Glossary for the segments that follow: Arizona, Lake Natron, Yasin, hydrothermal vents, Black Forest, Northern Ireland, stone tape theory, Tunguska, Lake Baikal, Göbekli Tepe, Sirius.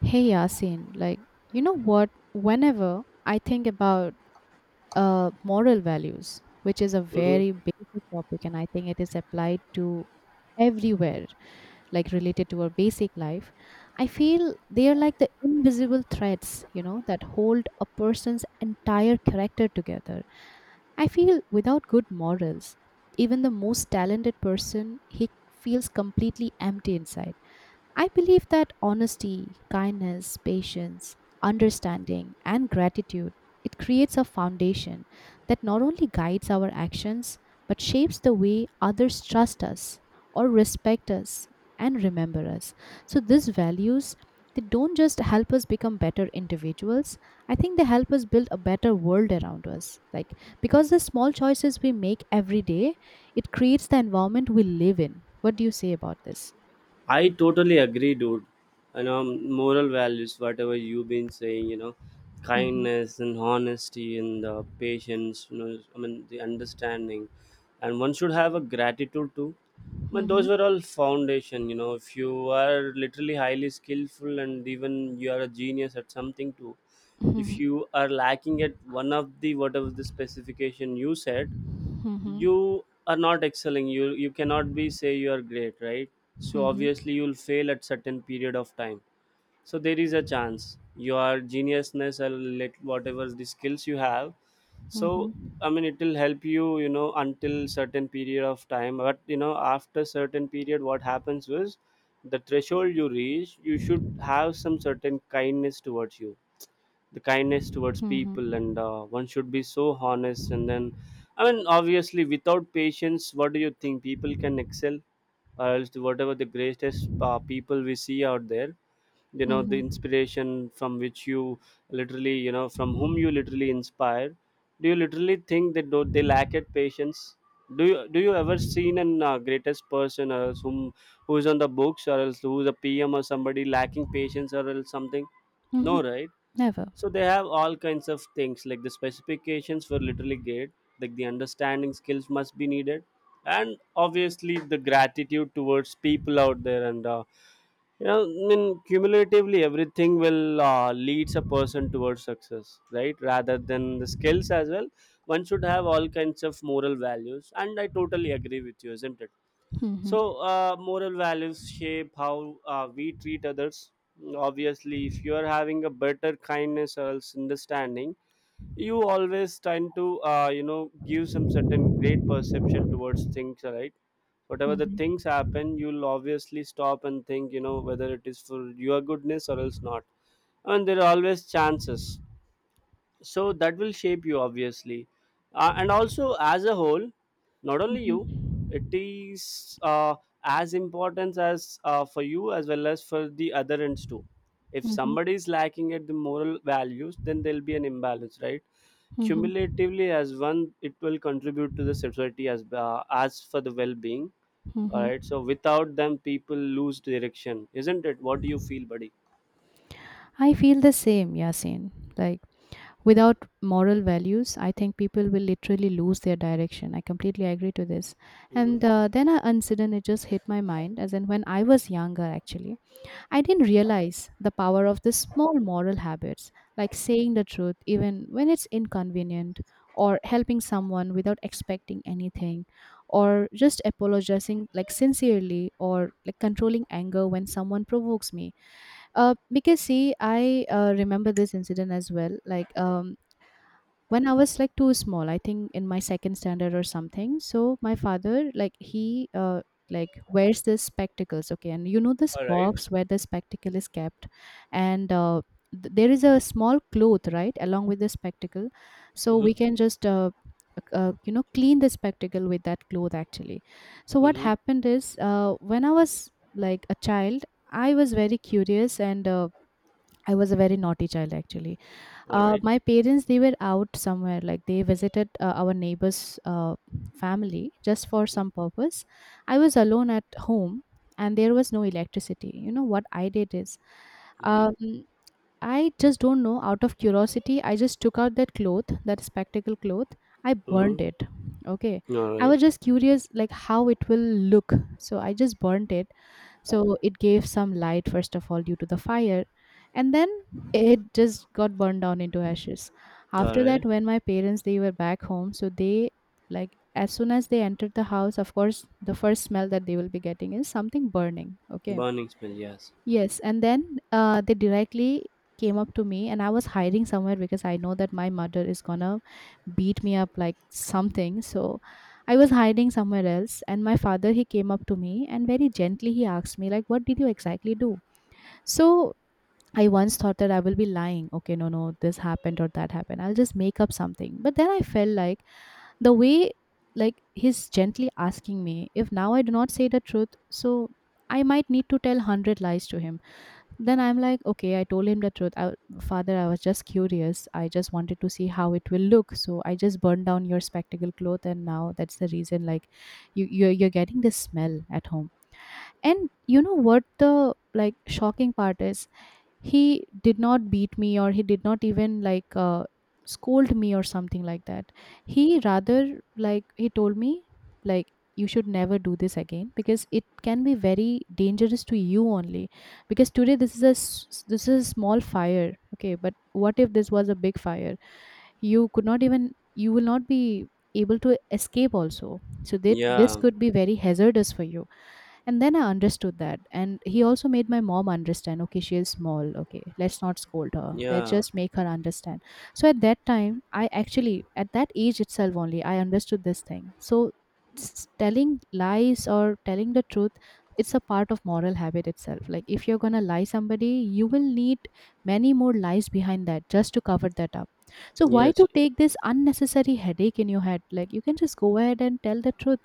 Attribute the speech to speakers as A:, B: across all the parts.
A: Hey Yasin, like you know what? Whenever I think about moral values, which is a
B: Mhm.
A: very basic topic, and I think it is applied to everywhere, like related to our basic life. I feel they are like the invisible threads, that hold a person's entire character together. I feel without good morals, even the most talented person, he feels completely empty inside. I believe that honesty, kindness, patience, understanding, and gratitude, it creates a foundation that not only guides our actions, but shapes the way others trust us or respect us and remember us. So these values, they don't just help us become better individuals. I think they help us build a better world around us, like, because the small choices we make every day, it creates the environment we live in. What do you say about this?
B: I totally agree, dude. You know, moral values, whatever you've been saying,
A: Mhm.
B: kindness and honesty and the patience, I mean, the understanding. And one should have a gratitude too. But those
A: Mhm.
B: were all foundation, if you are literally highly skillful and even you are a genius at something too, if
A: Mhm.
B: you are lacking at one of the whatever the specification you said,
A: Mhm.
B: you are not excelling, you cannot be say you are great, right? So
A: Mhm.
B: obviously you'll fail at certain period of time. So there is a chance your geniusness or let whatever the skills you have. So
A: Mhm.
B: I mean it will help you, you know until certain period of time. But after certain period what happens is the threshold you reach, you should have some certain kindness towards you, the kindness towards people. And
A: Mhm.
B: one should be so honest. And then I mean obviously without patience, what do you think people can excel? Or else whatever the greatest people we see out there, the
A: Mhm.
B: inspiration from which you literally, from whom you literally inspire, do you literally think that do they lack at patience? Do you ever seen an greatest person or else whom, who's on the books or else who's a PM or somebody lacking patience or else something?
A: Mhm.
B: No, right?
A: Never.
B: So they have all kinds of things, like the specifications were literally great, like the understanding skills must be needed. And obviously the gratitude towards people out there. And I mean cumulatively everything will leads a person towards success, right, rather than the skills as well. One should have all kinds of moral values, and I totally agree with you, isn't it?
A: Mhm.
B: So, moral values shape how we treat others. Obviously, if you are having a better kindness or else understanding, you always tend to, give some certain great perception towards things, right? Whatever the
A: Mhm.
B: things happen, you'll obviously stop and think, whether it is for your goodness or else not. And there are always chances, so that will shape you obviously, and also as a whole, not only you.
A: Mhm.
B: It is, as important as, for you as well as for the other ends too. If
A: Mhm.
B: somebody is lacking at the moral values, then there'll be an imbalance, right?
A: Mhm.
B: Cumulatively, as one, it will contribute to the society as, as for the well-being. All
A: Mhm.
B: right, so without them people lose direction, isn't it? What do you feel, buddy?
A: I feel the same, Yasin. Like, without moral values, I think people will literally lose their direction. I completely agree to this. And then an incident, it just hit my mind, as in when I was younger, actually. I didn't realize the power of the small moral habits, like saying the truth even when it's inconvenient, or helping someone without expecting anything, or just apologizing like sincerely, or like controlling anger when someone provokes me. Because see, I remember this incident as well. Like when I was like too small, I think in my second standard or something. So my father, like he, like wears this spectacles, okay, and you know this
B: All right.
A: box where the spectacle is kept, and there is a small cloth right along with the spectacle, so we
B: Mm-hmm.
A: can just clean the spectacle with that cloth actually. So what
B: Mm-hmm.
A: happened is, when I was like a child, I was very curious. And I was a very naughty child actually.
B: All right.
A: My parents, they were out somewhere, like they visited our neighbor's family just for some purpose. I was alone at home, and there was no electricity. You know what I did is,
B: Mm-hmm.
A: um, I just don't know, out of curiosity I just took out that cloth, that spectacle cloth, I burned
B: Mm-hmm.
A: it. Okay.
B: All
A: I
B: right.
A: was just curious, like how it will look. So I just burned it. So it gave some light first of all due to the fire, and then it just got burned down into ashes.
B: All
A: After that,
B: right.
A: when my parents, they were back home, so they, like, as soon as they entered the house, of course the first smell that they will be getting is something burning, okay.
B: Burning smell, yes.
A: Yes, and then they directly came up to me, and I was hiding somewhere because I know that my mother is gonna beat me up like something. So I was hiding somewhere else, and my father, he came up to me and very gently he asked me like, "What did you exactly do?" So I once thought that I will be lying. Okay, no, no, this happened or that happened. I'll just make up something. But then I felt like, the way like he's gently asking me, if now I do not say the truth, so I might need to tell 100 lies to him. Then I'm like, okay, I told him the truth. I, Father, I was just curious. I just wanted to see how it will look. So I just burned down your spectacle cloth, and now that's the reason. Like, you're getting this smell at home. And you know what the like shocking part is? He did not beat me or he did not even like scold me or something like that. He rather, like he told me, like you should never do this again, because it can be very dangerous to you only. Because today this is a small fire, okay, but what if this was a big fire? You will not be able to escape also, so that this
B: Yeah,
A: could be very hazardous for you. And then I understood that, and he also made my mom understand, okay, she is small, okay, let's not scold her, let's
B: yeah,
A: just make her understand. So at that time, I actually at that age itself only I understood this thing. So telling lies or telling the truth, it's a part of moral habit itself. Like, if you're going to lie somebody, you will need many more lies behind that just to cover that up. So why
B: yes,
A: to take this unnecessary headache in your head? Like, you can just go ahead and tell the truth,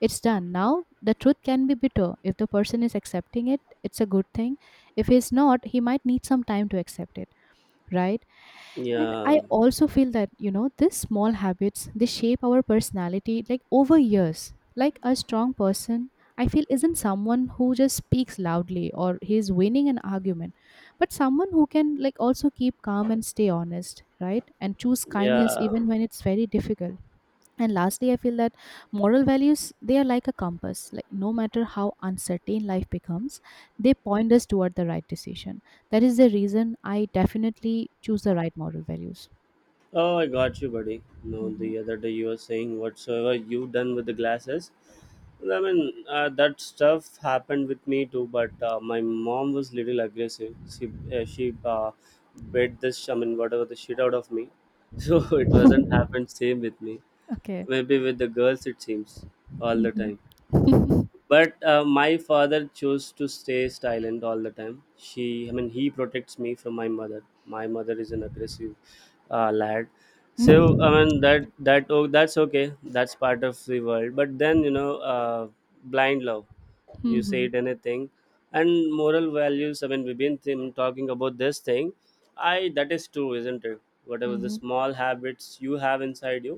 A: it's done. Now, the truth can be bitter. If the person is accepting it, it's a good thing. If he's not, he might need some time to accept it, right? And
B: yeah,
A: I also feel that, these small habits, they shape our personality like over years. Like, a strong person, I feel, isn't someone who just speaks loudly or he's winning an argument, but someone who can like also keep calm and stay honest, right? And choose kindness
B: yeah.
A: even when it's very difficult. And lastly, I feel that moral values, they are like a compass. Like, no matter how uncertain life becomes, they point us toward the right decision. That is the reason I definitely choose the right moral values.
B: Oh, I got you, buddy. No,
A: Mhm.
B: the other day you were saying whatsoever you done with the glasses. I mean, that stuff happened with me too, but my mom was little aggressive. She bit this, I mean, whatever the shit out of me. So it wasn't happened same with me.
A: okay.
B: Maybe with the girls it seems all the
A: Mhm.
B: time. But my father chose to stay silent all the time. She I mean he protects me from My mother is an aggressive lad. So I mean that, oh, that's okay, that's part of the world. But then blind love, you
A: Mhm.
B: said anything. And moral values, I mean, we've been talking about this thing. I That is true, isn't it? Whatever the
A: Mhm.
B: small habits you have inside you,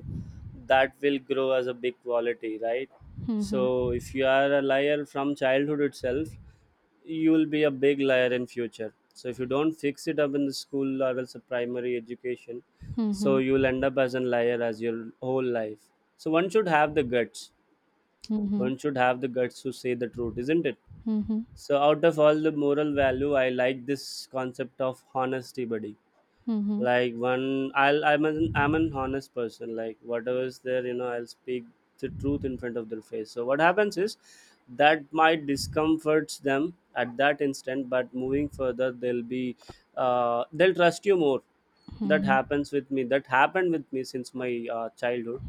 B: that will grow as a big quality, right?
A: Mhm.
B: So if you are a liar from childhood itself, you will be a big liar in future. So if you don't fix it up in the school levels of primary education, so
A: Mhm.
B: you'll end up as a liar as your whole life. So one should have the guts.
A: Mhm.
B: One should have the guts to say the truth, isn't it?
A: Mhm.
B: So out of all the moral value, I like this concept of honesty, buddy,
A: Mhm. Mhm.
B: like one I'll I'm an honest person. Like whatever is there, I'll speak the truth in front of their face. So what happens is that might discomforts them at that instant, but moving further they'll be, they'll trust you more.
A: Mhm.
B: That happened with me since my childhood.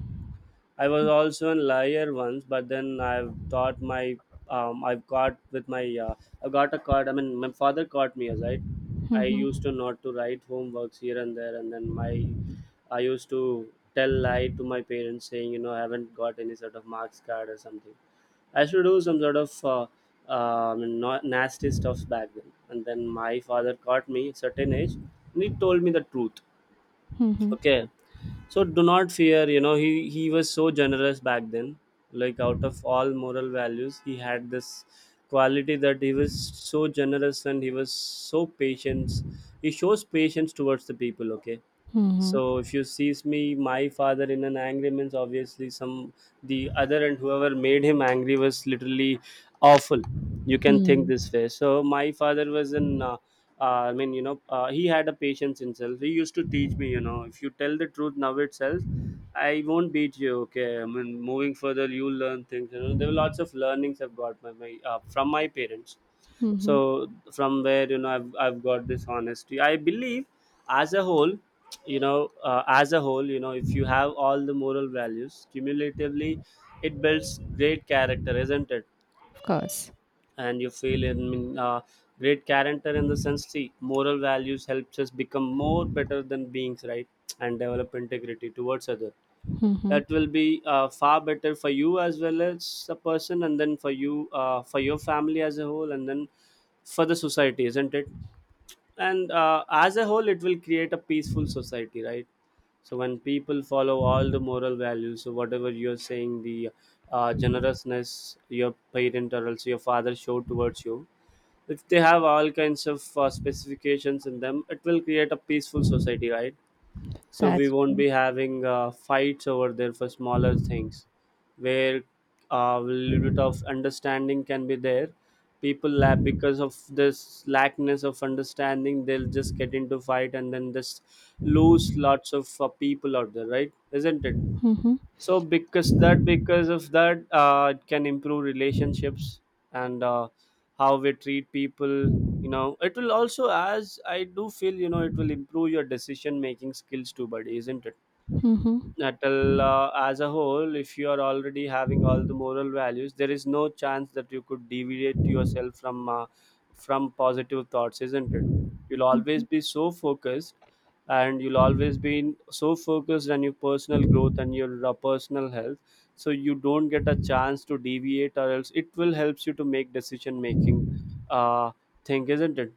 B: I was also a liar once, but then um, I've got with my uh, I got a card. I mean, my father caught me, right. I used to not to write homeworks here and there, and then my I used to tell lie to my parents, saying I haven't got any sort of marks card or something. I used to do some sort of I mean, not nasty stuffs back then. And then my father caught me at certain age, and he told me the truth.
A: Mhm. Mhm.
B: Okay, so do not fear. He was so generous back then. Like out of all moral values, he had this quality that he was so generous and he was so patient. He shows patience towards the people, okay.
A: Mhm.
B: So if you sees me, my father in an angry means, obviously some the other, and whoever made him angry was literally awful. You can think this
A: Mhm.
B: way. So my father was an, uh, I mean, he had a patience himself. He used to teach me, if you tell the truth now itself, I won't beat you. Okay, I mean moving further you learn things. There were lots of learnings I've got my, my from my parents. So
A: Mhm.
B: from where, I've got this honesty I believe. As a whole, as a whole, if you have all the moral values cumulatively, it builds great character, isn't it?
A: Of course.
B: And you feel in mean, great character. In the sense, see, moral values helps us become more better than beings, right, and develop integrity towards other.
A: Mhm.
B: That will be far better for you as well as a person, and then for you for your family as a whole, and then for the society, isn't it? And as a whole it will create a peaceful society, right? So when people follow all the moral values, so whatever you're saying, the generousness your parent or else your father showed towards you, if they have all kinds of specifications in them, it will create a peaceful society, right? So we
A: That's
B: won't
A: true.
B: be having fights over there for smaller things, where a little bit of understanding can be there. People, because of this lackness of understanding, they'll just get into fight, and then just lose lots of people out there, right, isn't it?
A: Mhm.
B: So because that because of that, it can improve relationships, and how we treat people. It will also, as I do feel, it will improve your decision making skills too, buddy, isn't it?
A: Mhm.
B: That will, as a whole, if you are already having all the moral values, there is no chance that you could deviate yourself from, from positive thoughts, isn't it? You'll always
A: Mhm.
B: be so focused, and you'll always be so focused on your personal growth and your personal health. So you don't get a chance to deviate, or else it will helps you to make decision making, uh, thing, isn't it?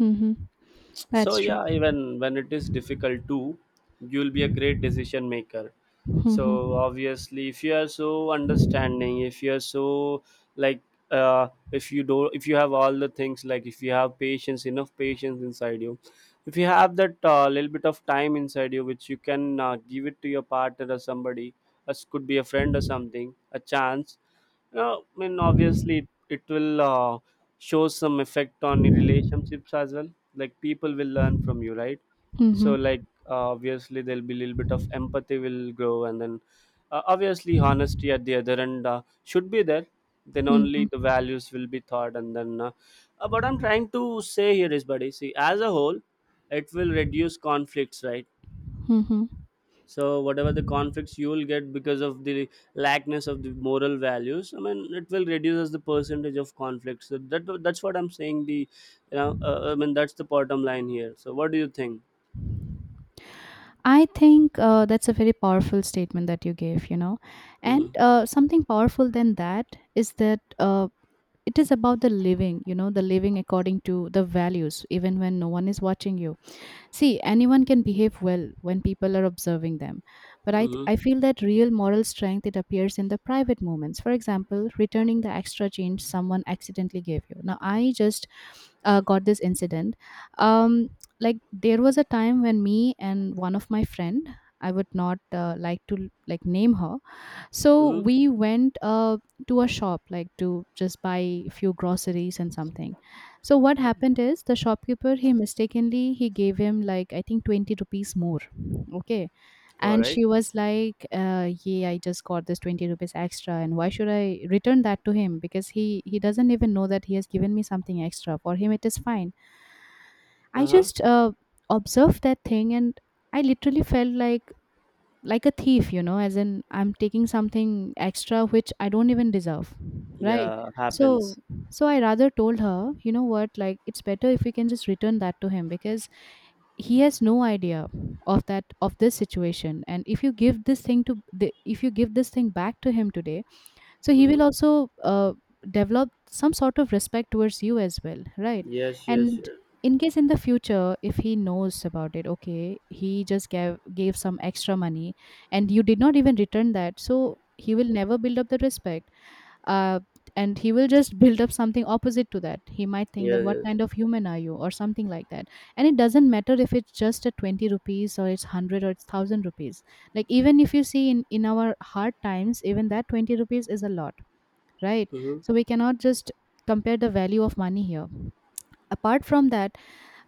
A: Mhm.
B: So
A: That's true.
B: yeah, even when it is difficult too, you'll be a great decision maker.
A: Mhm.
B: So obviously, if you are so understanding, if you are so, like, if you have all the things, like, if you have patience, enough patience inside you, if you have that little bit of time inside you, which you can give it to your partner or somebody, as could be a friend, or something a chance. No, I mean, obviously, it will show some effect on the relationships as well. Like people will learn from you, right?
A: Mhm.
B: So, like obviously there'll be a little bit of empathy will grow, and then obviously honesty at the other end should be there, then only
A: Mhm.
B: the values will be thought. And then what I'm trying to say here is, buddy, see, as a whole it will reduce conflicts, right?
A: Mhm.
B: So whatever the conflicts you will get because of the lackness of the moral values, I mean it will reduces the percentage of conflicts. So that, that's what I'm saying, the I mean that's the bottom line here. So what do you think?
A: I think that's a very powerful statement that you gave.
B: Mm-hmm.
A: And something powerful than that is that it is about the living, the living according to the values, even when no one is watching you. See, anyone can behave well when people are observing them, but
B: Mm-hmm.
A: I feel that real moral strength, it appears in the private moments. For example, returning the extra change someone accidentally gave you. Now, I just got this incident. Um, like there was a time when me and one of my friend, I would not like to like name her, so
B: Mm-hmm.
A: we went to a shop, like to just buy a few groceries and something. So what happened is, the shopkeeper, he mistakenly he gave him like, I think, 20 rupees more. Okay.
B: All
A: And
B: right.
A: she was like, yeah, I just got this 20 rupees extra, and why should I return that to him? Because he doesn't even know that he has given me something extra. For him, it is fine. I
B: Uh huh.
A: just observed that thing, and I literally felt like a thief, as in I'm taking something extra which I don't even deserve, right?
B: Yeah,
A: So,
B: happens.
A: I rather told her, you know what, like it's better if we can just return that to him, because he has no idea of that, of this situation. And if you give this thing to, the, if you give this thing back to him today, so he
B: Mm-hmm.
A: will also develop some sort of respect towards you as well, right?
B: Yes, yes,
A: And
B: yes,
A: in case in the future, if he knows about it, okay, he just gave some extra money and you did not even return that, so he will never build up the respect. uh, and he will just build up something opposite to that. He might think that
B: yes,
A: what
B: yes.
A: kind of human are you or something like that. And it doesn't matter if it's just a 20 rupees or it's 100 or it's 1,000 rupees. Like, even if you see, in our hard times, even that 20 rupees is a lot, right?
B: Mm-hmm.
A: So we cannot just compare the value of money here. Apart from that,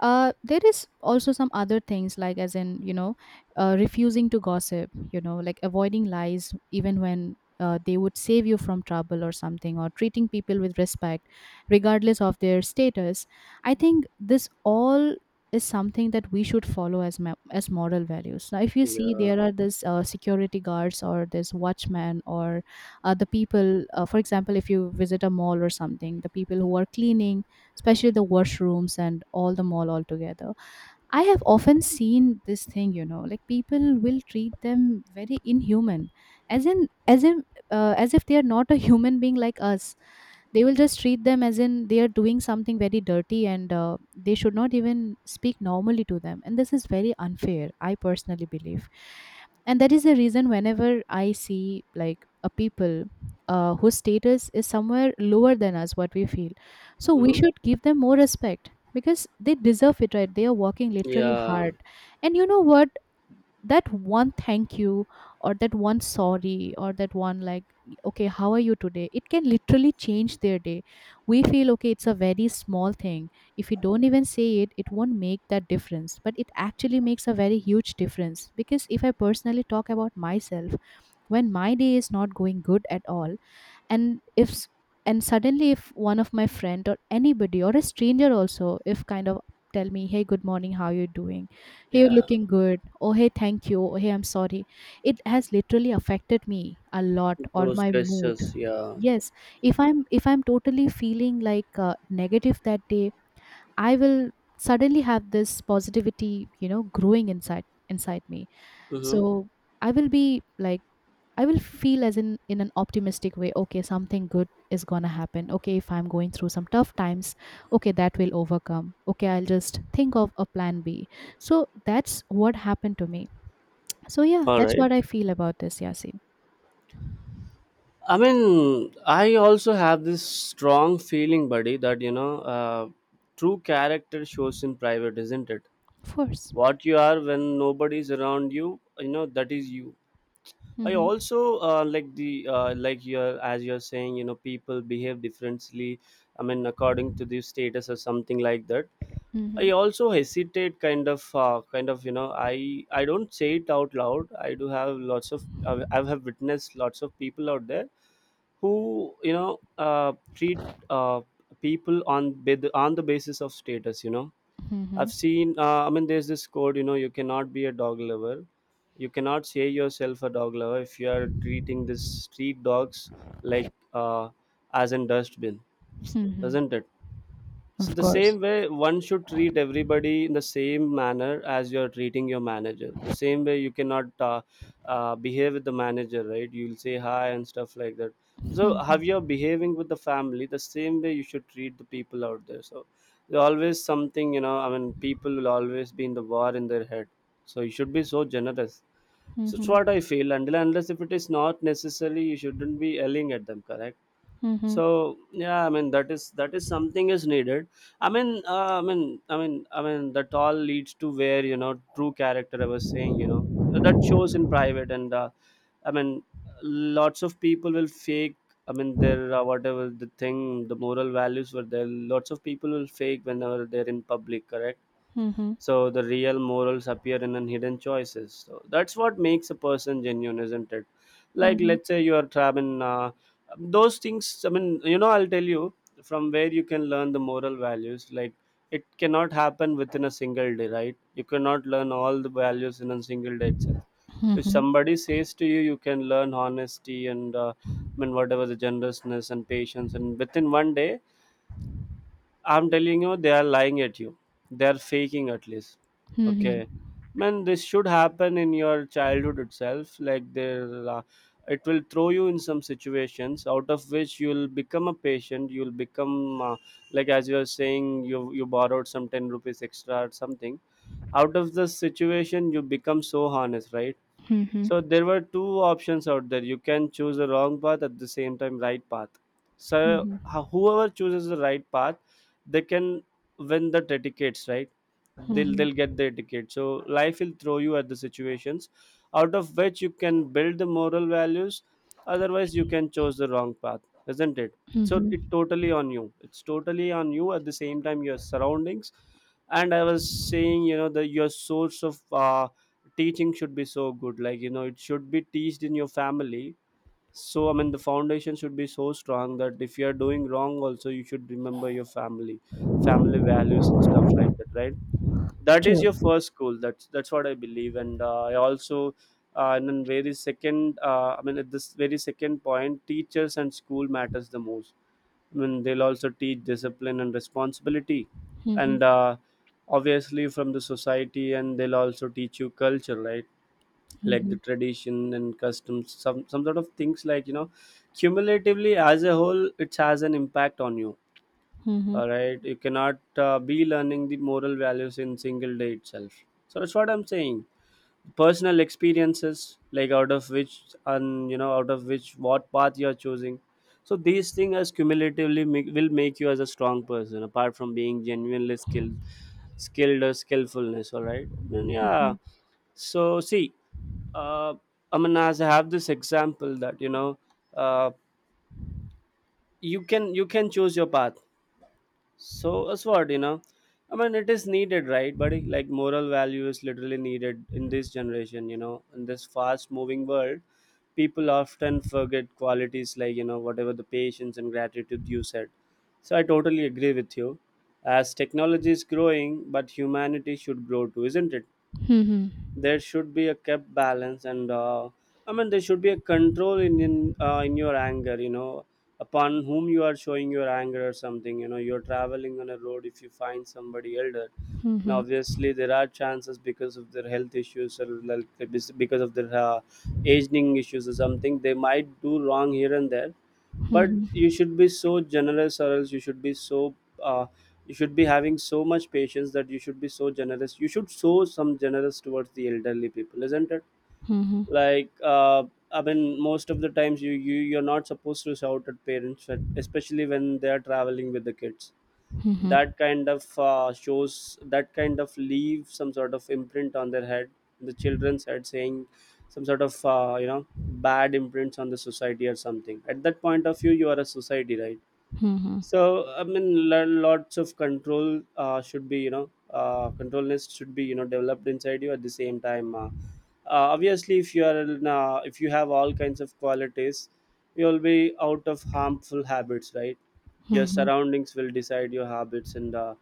A: there is also some other things, like as in, refusing to gossip, like avoiding lies even when they would save you from trouble or something, or treating people with respect regardless of their status. I think this all is something that we should follow as moral values. Now if you see,
B: Yeah.
A: there are this security guards or this watchmen, or the people, for example if you visit a mall or something, the people who are cleaning, especially the washrooms and all the mall altogether. I have often seen this thing, like people will treat them very inhuman, as in as in as if they are not a human being like us. They will just treat them as in they are doing something very dirty and they should not even speak normally to them, and this is very unfair, I personally believe. And that is the reason whenever I see like a people whose status is somewhere lower than us, what we feel, so we
B: Mm-hmm.
A: should give them more respect because they deserve it, right? They are working literally
B: Yeah,
A: hard. And you know what, that one thank you or that one sorry or that one like okay how are you today, it can literally change their day. We feel okay, it's a very small thing, if you don't even say it, it won't make that difference, but it actually makes a very huge difference. Because if I personally talk about myself, when my day is not going good at all, and if s- and suddenly if one of my friend or anybody or a stranger also if kind of tell me, hey good morning, how you doing, hey you're
B: yeah.
A: looking good, oh hey thank you, hey I'm sorry, it has literally affected me a lot or
B: Those
A: my mood.
B: gestures, yeah.
A: Yes, if I'm totally feeling like negative that day, I will suddenly have this positivity, you know, growing inside me.
B: Mm-hmm.
A: So I will be like, I will feel as in an optimistic way, okay, something good is gonna happen. Okay, if I'm going through some tough times, okay, that will overcome. Okay, I'll just think of a plan B. So that's what happened to me. So yeah,
B: All
A: that's
B: right.
A: what I feel about this, Yasin.
B: I mean, I also have this strong feeling, buddy, that you know, true character shows in private, isn't it?
A: Of course.
B: What you are when nobody's around you, you know, that is you. I
A: Mm-hmm.
B: also like the like you're as you're saying, you know, people behave differently. I mean, according to the status or something like that.
A: Mm-hmm.
B: I also hesitate, kind of, you know, I don't say it out loud. I do have lots of I have witnessed lots of people out there who you know treat uh, people on the basis of status. You know,
A: Mm-hmm.
B: I've seen, I mean, there's this code, you know, you cannot be a dog lover. You cannot say yourself a dog lover if you are treating this street dogs like as in dustbin,
A: Mm-hmm.
B: doesn't it? So
A: Of
B: the
A: course.
B: same way one should treat everybody in the same manner as you're treating your manager. The same way you cannot behave with the manager, right? You'll say hi and stuff like that. So how you're
A: Mm-hmm.
B: behaving with the family, the same way you should treat the people out there. So there's always something, you know. I mean, people will always be in the war in their head. So you should be so generous. So it's what I
A: Mm-hmm.
B: feel. Until and unless if it is not necessary, you shouldn't be yelling at them. Correct.
A: Mm-hmm.
B: So yeah, I mean, that is something is needed. I mean, I mean that all leads to where you know true character I was saying, you know, that shows in private. And I mean, lots of people will fake, I mean, their whatever the thing the moral values were there, lots of people will fake whenever they're in public, correct?
A: Mm-hmm.
B: So the real morals appear in an hidden choices, so that's what makes a person genuine, isn't it?
A: Mm-hmm.
B: Like,
A: Mm-hmm.
B: let's say you are traveling, those things, I mean, you know, I'll tell you from where you can learn the moral values. Like, it cannot happen within a single day, right? You cannot learn all the values in a single day itself. If
A: Mm-hmm.
B: somebody says to you you can learn honesty and I mean whatever the generousness and patience and within one day, I'm telling you, they are lying at you. They are faking at least. Okay, man, this should happen in your childhood itself. Like there, it will throw you in some situations out of which you'll become a patient. You'll become like as you are saying, you borrowed some 10 rupees extra or something. Out of the situation, you become so honest, right?
A: Mm-hmm.
B: So there were two options out there. You can choose the wrong path at the same time right path. So whoever chooses the right path, they can win the tickets, right? They'll
A: Mm-hmm.
B: get their ticket. So life will throw you at the situations, out of which you can build the moral values. Otherwise, you can choose the wrong path, isn't it? So
A: Mm-hmm.
B: it totally on you. It's totally on you. At the same time, your surroundings, and I was saying, you know, the your source of teaching should be so good. Like, you know, it should be teached in your family. So I mean the foundation should be so strong that if you are doing wrong also you should remember your family, family values and stuff like that, right? That is your
A: True.
B: first school, that's what I believe. And I also and then very second, I mean at this very second point teachers and school matters the most. I mean they'll also teach discipline and responsibility.
A: Mm-hmm.
B: And Obviously from the society, and they'll also teach you culture, right? Like the tradition and customs, some sort of things, like, you know, cumulatively as a whole it has an impact on you.
A: Mm-hmm.
B: All right, you cannot be learning the moral values in single day itself, so that's what I'm saying. Personal experiences, like out of which, and you know out of which what path you're choosing. So these things as cumulatively make, will make you as a strong person apart from being genuinely skilled, skilled or skillfulness. All right, then
A: hmm
B: yeah. So see, uh, I mean, as I have this example that, you know, uh, you can choose your path. So as what you know, I mean, it is needed, right, buddy? Like, moral value is literally needed in this generation. You know, in this fast-moving world, people often forget qualities like, you know, whatever the patience and gratitude you said. So I totally agree with you. As technology is growing, but humanity should grow too, isn't it?
A: Hmm
B: There should be a kept balance. And I mean there should be a control in in your anger, you know, upon whom you are showing your anger or something. You know, you're traveling on a road, if you find somebody elder,
A: hmm
B: now
A: hmm
B: obviously there are chances because of their health issues, or like because of their aging issues or something, they might do wrong here and there. But
A: hmm
B: you should be so generous, or else you should be so uh, you should be having so much patience that you should be so generous. You should show some generous towards the elderly people, isn't it?
A: Hmm
B: Like I mean, most of the times you're not supposed to shout at parents especially when they are traveling with the kids.
A: Hmm hmm
B: That kind of shows, that kind of leave some sort of imprint on their head, the children's head, saying some sort of you know, bad imprints on the society or something. At that point of view, you are a society, right?
A: Hmm hmm
B: So I mean lots of control should be, you know, control list should be, you know, developed inside you at the same time. Obviously, if you are in, if you have all kinds of qualities, you'll be out of harmful habits, right? Your
A: hmm
B: surroundings will decide your habits. And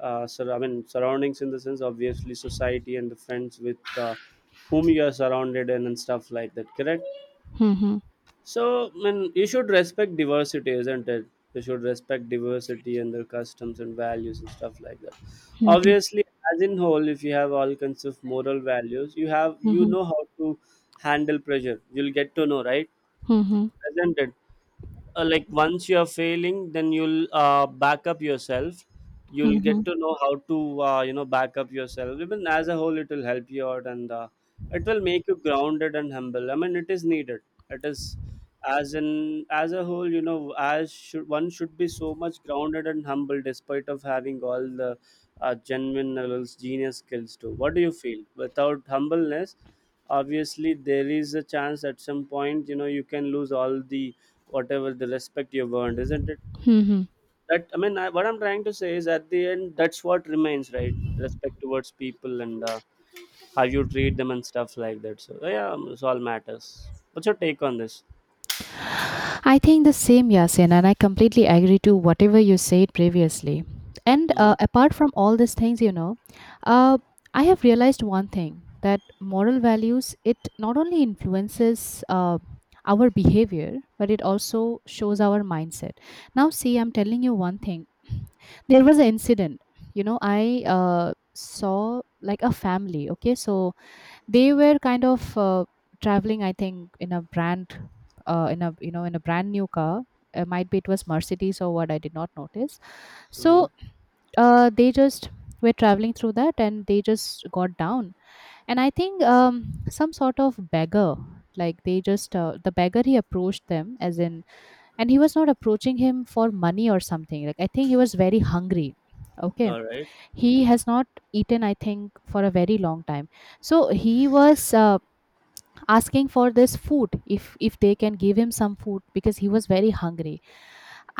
B: So I mean surroundings in the sense, obviously society and the friends with whom you are surrounded and stuff like that, correct?
A: Hmm hmm hmm
B: So, I mean, you should respect diversity, isn't it? You should respect diversity and their customs and values and stuff like that.
A: Hmm
B: Obviously, as in whole, if you have all kinds of moral values, you have you know how to handle pressure. You'll get to know, right?
A: Hmm
B: Isn't it? Like once you are failing, then you'll back up yourself.
A: Hmm
B: You'll
A: hmm
B: get to know how to you know back up yourself. Even as a whole, it will help you out. And It will make you grounded and humble. I mean, it is needed. It is, as in, as a whole, you know, as should one should be so much grounded and humble despite of having all the genuine levels, genius skills too. What do you feel without humbleness? Obviously, there is a chance at some point, you know, you can lose all the whatever the respect you've earned, isn't it?
A: Hmm.
B: That, I mean, what I'm trying to say is, at the end, that's what remains, right? Respect towards people, and how you treat them and stuff like that. So yeah, it's all matters. What's your take on this?
A: I think the same, Yasin, and I completely agree to whatever you said previously. And
B: Mm-hmm.
A: apart from all these things, you know, uh, I have realized one thing that moral values, it not only influences our behavior, but it also shows our mindset. Now see, I'm telling you one thing. There was an incident. You know, I saw like a family. Okay, so they were kind of traveling, I think, in a brand, in a, you know, in a brand new car. Might be it was Mercedes or what, I did not notice.
B: Mm-hmm.
A: So they just were traveling through that and they just got down, and I think some sort of beggar, like they just the beggar, he approached them as in, and he was not approaching him for money or something, like I think he was very hungry, okay.
B: All right.
A: He has not eaten, I think, for a very long time. So he was asking for this food, if they can give him some food because he was very hungry.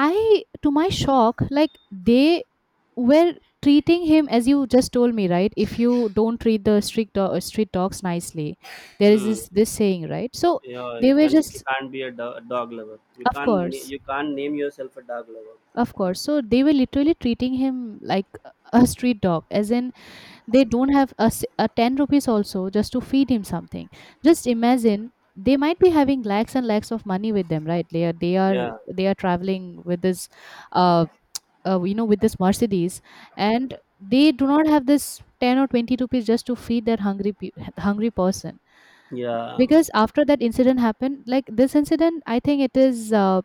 A: I, to my shock, like, they were treating him, as you just told me, right? If you don't treat the street street dogs nicely, there is
B: Mm.
A: this saying, right? So
B: Yeah, you
A: they were
B: can, you
A: just,
B: can't be a, do- a dog lover. You
A: of
B: can't
A: course,
B: you can't name yourself a dog lover.
A: of course, so they were literally treating him like a street dog, as in they don't have a, a 10 rupees also just to feed him something. Just imagine, they might be having lakhs and lakhs of money with them, right? They are
B: Yeah.
A: they are traveling with this uh, you know, with this Mercedes, and they do not have this 10 or 20 rupees just to feed that hungry hungry person.
B: Yeah.
A: Because after that incident happened, like this incident, I think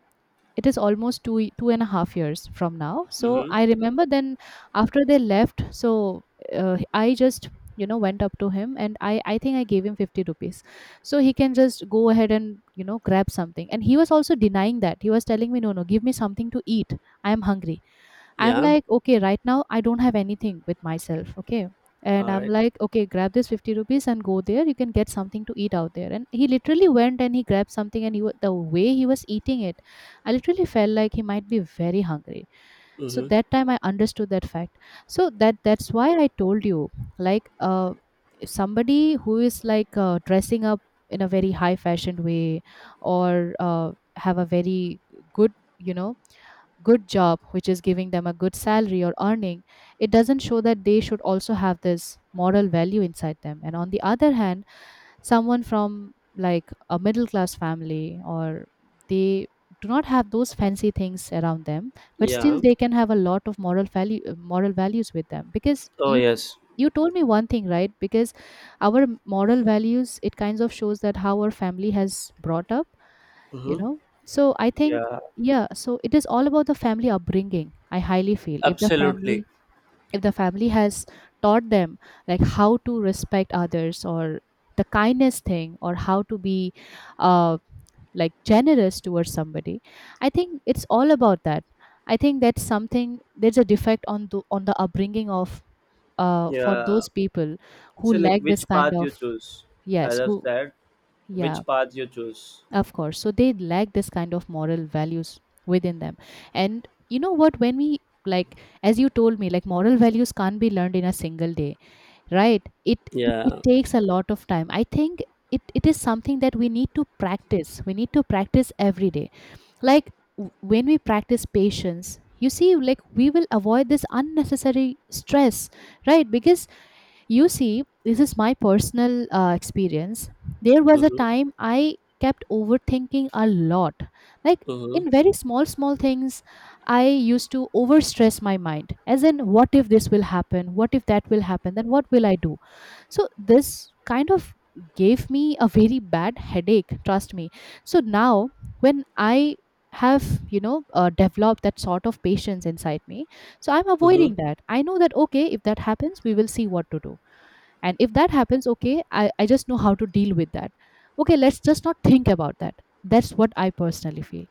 A: it is almost two and a half years from now, so
B: Mm-hmm.
A: I remember then after they left. So I just, you know, went up to him and I think I gave him 50 rupees so he can just go ahead and, you know, grab something. And he was also denying, that he was telling me, no, no, give me something to eat, I am hungry. I'm
B: Yeah.
A: like, okay, right now I don't have anything with myself, okay. And
B: All
A: I'm
B: right.
A: like, okay, grab this 50 rupees and go there, you can get something to eat out there. And he literally went and he grabbed something, and he, the way he was eating it, I literally felt like he might be very hungry. So
B: Mm-hmm.
A: that time I understood that fact. So that that's why I told you, like, somebody who is like dressing up in a very high fashion way or have a very good, you know, good job which is giving them a good salary or earning, it doesn't show that they should also have this moral value inside them. And on the other hand, someone from like a middle class family, or they do not have those fancy things around them, but still
B: Yeah.
A: they can have a lot of moral values with them. Because
B: Oh
A: you
B: yes.
A: you told me one thing, right? Because our moral values, it kinds of shows that how our family has brought up, you
B: Mm-hmm.
A: know. So I think,
B: Yeah.
A: yeah, so it is all about the family upbringing, I highly feel. If the
B: Absolutely.
A: family, if the family has taught them like how to respect others, or the kindness thing, or how to be uh, like generous towards somebody, I think it's all about that. I think that's something, there's a defect on the upbringing of for
B: Yeah.
A: those people who
B: So like
A: lack this
B: which
A: kind
B: path you
A: of,
B: choose? As
A: yes,
B: I've
A: who,
B: said,
A: yeah,
B: which path you choose?
A: of course, so they lack this kind of moral values within them. And you know what, when we, like as you told me, like moral values can't be learned in a single day, right? It it
B: Yeah.
A: takes a lot of time, I think. It is something that we need to practice, we need to practice every day. Like when we practice patience, you see, like we will avoid this unnecessary stress, right? Because, you see, this is my personal experience. There was a
B: Mm-hmm.
A: time I kept overthinking a lot. Like
B: Mm-hmm.
A: in very small, small things, I used to overstress my mind. As in, what if this will happen? What if that will happen? Then what will I do? So this kind of gave me a very bad headache, trust me. So now, when I have, you know, developed that sort of patience inside me, so I'm
B: Mm-hmm.
A: avoiding that. I know that, okay, if that happens we will see what to do. And if that happens, okay I just know how to deal with that. Okay, let's just not think about that. That's what I personally feel.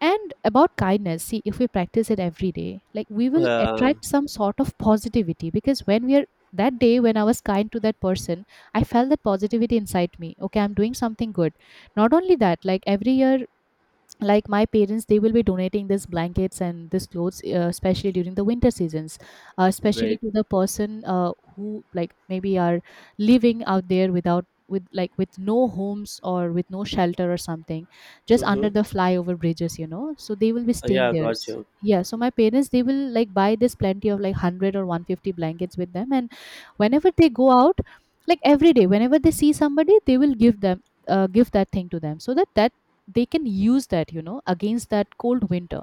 A: And about kindness, see, if we practice it every day, like we will
B: Uh,
A: attract some sort of positivity. Because when we are, that day when I was kind to that person, I felt that positivity inside me, okay, I'm doing something good. Not only that, like every year, like my parents, they will be donating these blankets and these clothes, especially during the winter seasons, especially
B: Great.
A: to the person who like maybe are living out there without, with like with no homes or with no shelter or something, just under
B: Mm-hmm.
A: the flyover bridges, you know, so they will be staying
B: Yeah,
A: there.
B: got you.
A: Yeah, so my parents, they will like buy this plenty of like 100 or 150 blankets with them, and whenever they go out, like every day whenever they see somebody, they will give them, give that thing to them, so that that they can use that, you know, against that cold winter.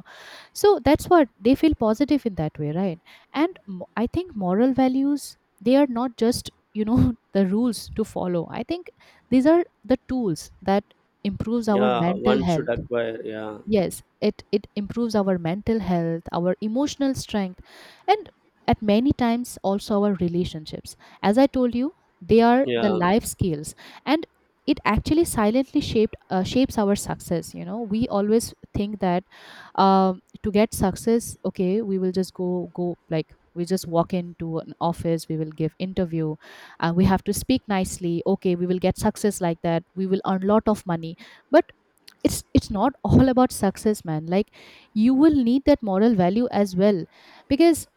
A: So that's what they feel positive in that way, right? And I think moral values, they are not just, you know, the rules to follow. I think these are the tools that improves our
B: Yeah,
A: mental
B: one should
A: health.
B: acquire. Yeah.
A: Yes, it improves our mental health, our emotional strength, and at many times also our relationships. As I told you, they are the
B: Yeah.
A: life skills, and it actually silently shaped shapes our success. You know, we always think that to get success, okay, we will just go like we just walk into an office, we will give interview, and we have to speak nicely. Okay, we will get success like that, we will earn lot of money. But it's not all about success, man. Like you will need that moral value as well, because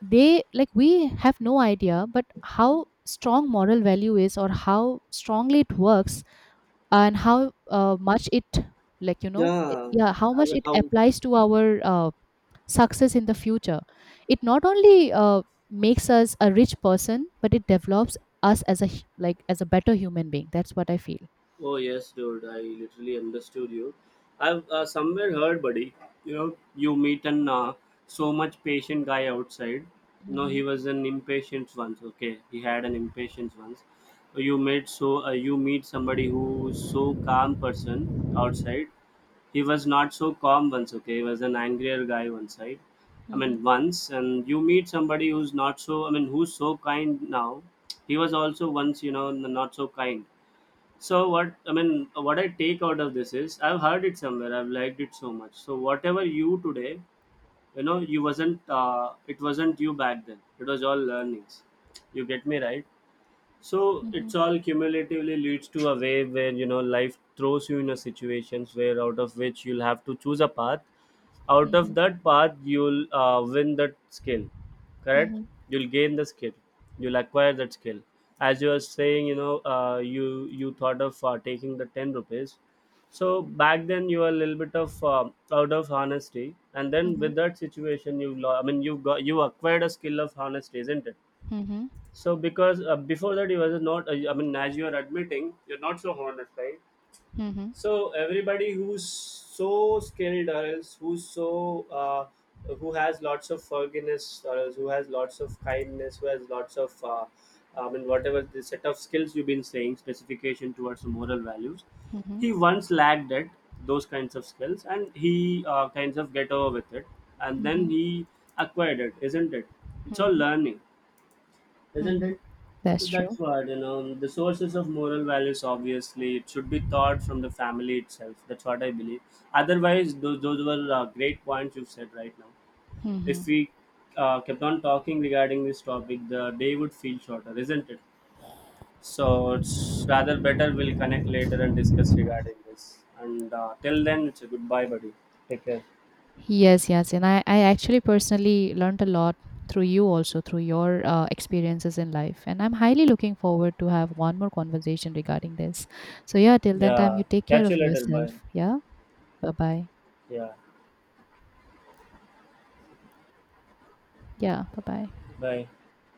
A: they, like we have no idea but how strong moral value is or how strongly it works, and how much it, like, you know
B: Yeah.
A: yeah, how
B: How,
A: much it
B: how.
A: applies to our success in the future. It not only makes us a rich person, but it develops us as a like as a better human being. That's what I feel.
B: Oh yes, dude. I literally understood you. I've somewhere heard, buddy. You know, you meet an so much patient guy outside. No,
A: Hmm.
B: he was an impatient once. Okay, he had an impatience once. You met so you meet somebody who's so calm person outside. He was not so calm once. Okay, he was an angrier guy one side. I mean once, and you meet somebody who's not so, I mean, who's so kind now. He was also once, you know, not so kind. So what I mean, what I take out of this is, I've heard it somewhere, I've liked it so much. So whatever you today, you know, you wasn't. It wasn't you back then. It was all learnings. You get me right. So
A: Hmm.
B: it's all cumulatively leads to a way where, you know, life throws you in a situations where out of which you'll have to choose a path, out
A: Hmm.
B: of that path you'll win that skill, correct?
A: Mhm,
B: You'll gain the skill, you'll acquire that skill. As you were saying, you know, you thought of taking the 10 rupees, so back then you were a little bit of out of honesty, and then
A: mhm,
B: with that situation you I mean you got, you acquired a skill of honesty, isn't it?
A: mhm,
B: So because before that you were not I mean as you are admitting, you're not so honest, right?
A: mhm,
B: So everybody who's so skilled, or else who's so who has lots of forgiveness, or else who has lots of kindness, who has lots of I mean whatever the set of skills you've been saying, specification towards the moral values,
A: mhm,
B: he once lacked it, those kinds of skills, and he kinds of get over with it, and then
A: mhm,
B: he acquired it, isn't it? It's all
A: mhm,
B: learning, isn't
A: mhm.
B: it?
A: That's
B: So
A: true.
B: that's what you know. The sources of moral values, obviously, it should be taught from the family itself. That's what I believe. Otherwise, those were great points you've said right now.
A: Hmm.
B: If we kept on talking regarding this topic, the day would feel shorter, isn't it? So it's rather better we'll connect later and discuss regarding this. And till then, it's a goodbye, buddy. Take care.
A: Yes, yes. And I actually personally learned a lot through you also, through your experiences in life. And I'm highly looking forward to have one more conversation regarding this. So yeah, till then time, you
B: Yeah.
A: take care
B: Catch you
A: of
B: later. Bye.
A: yourself. Yeah. Bye bye.
B: Yeah.
A: Yeah. Bye bye.
B: Bye.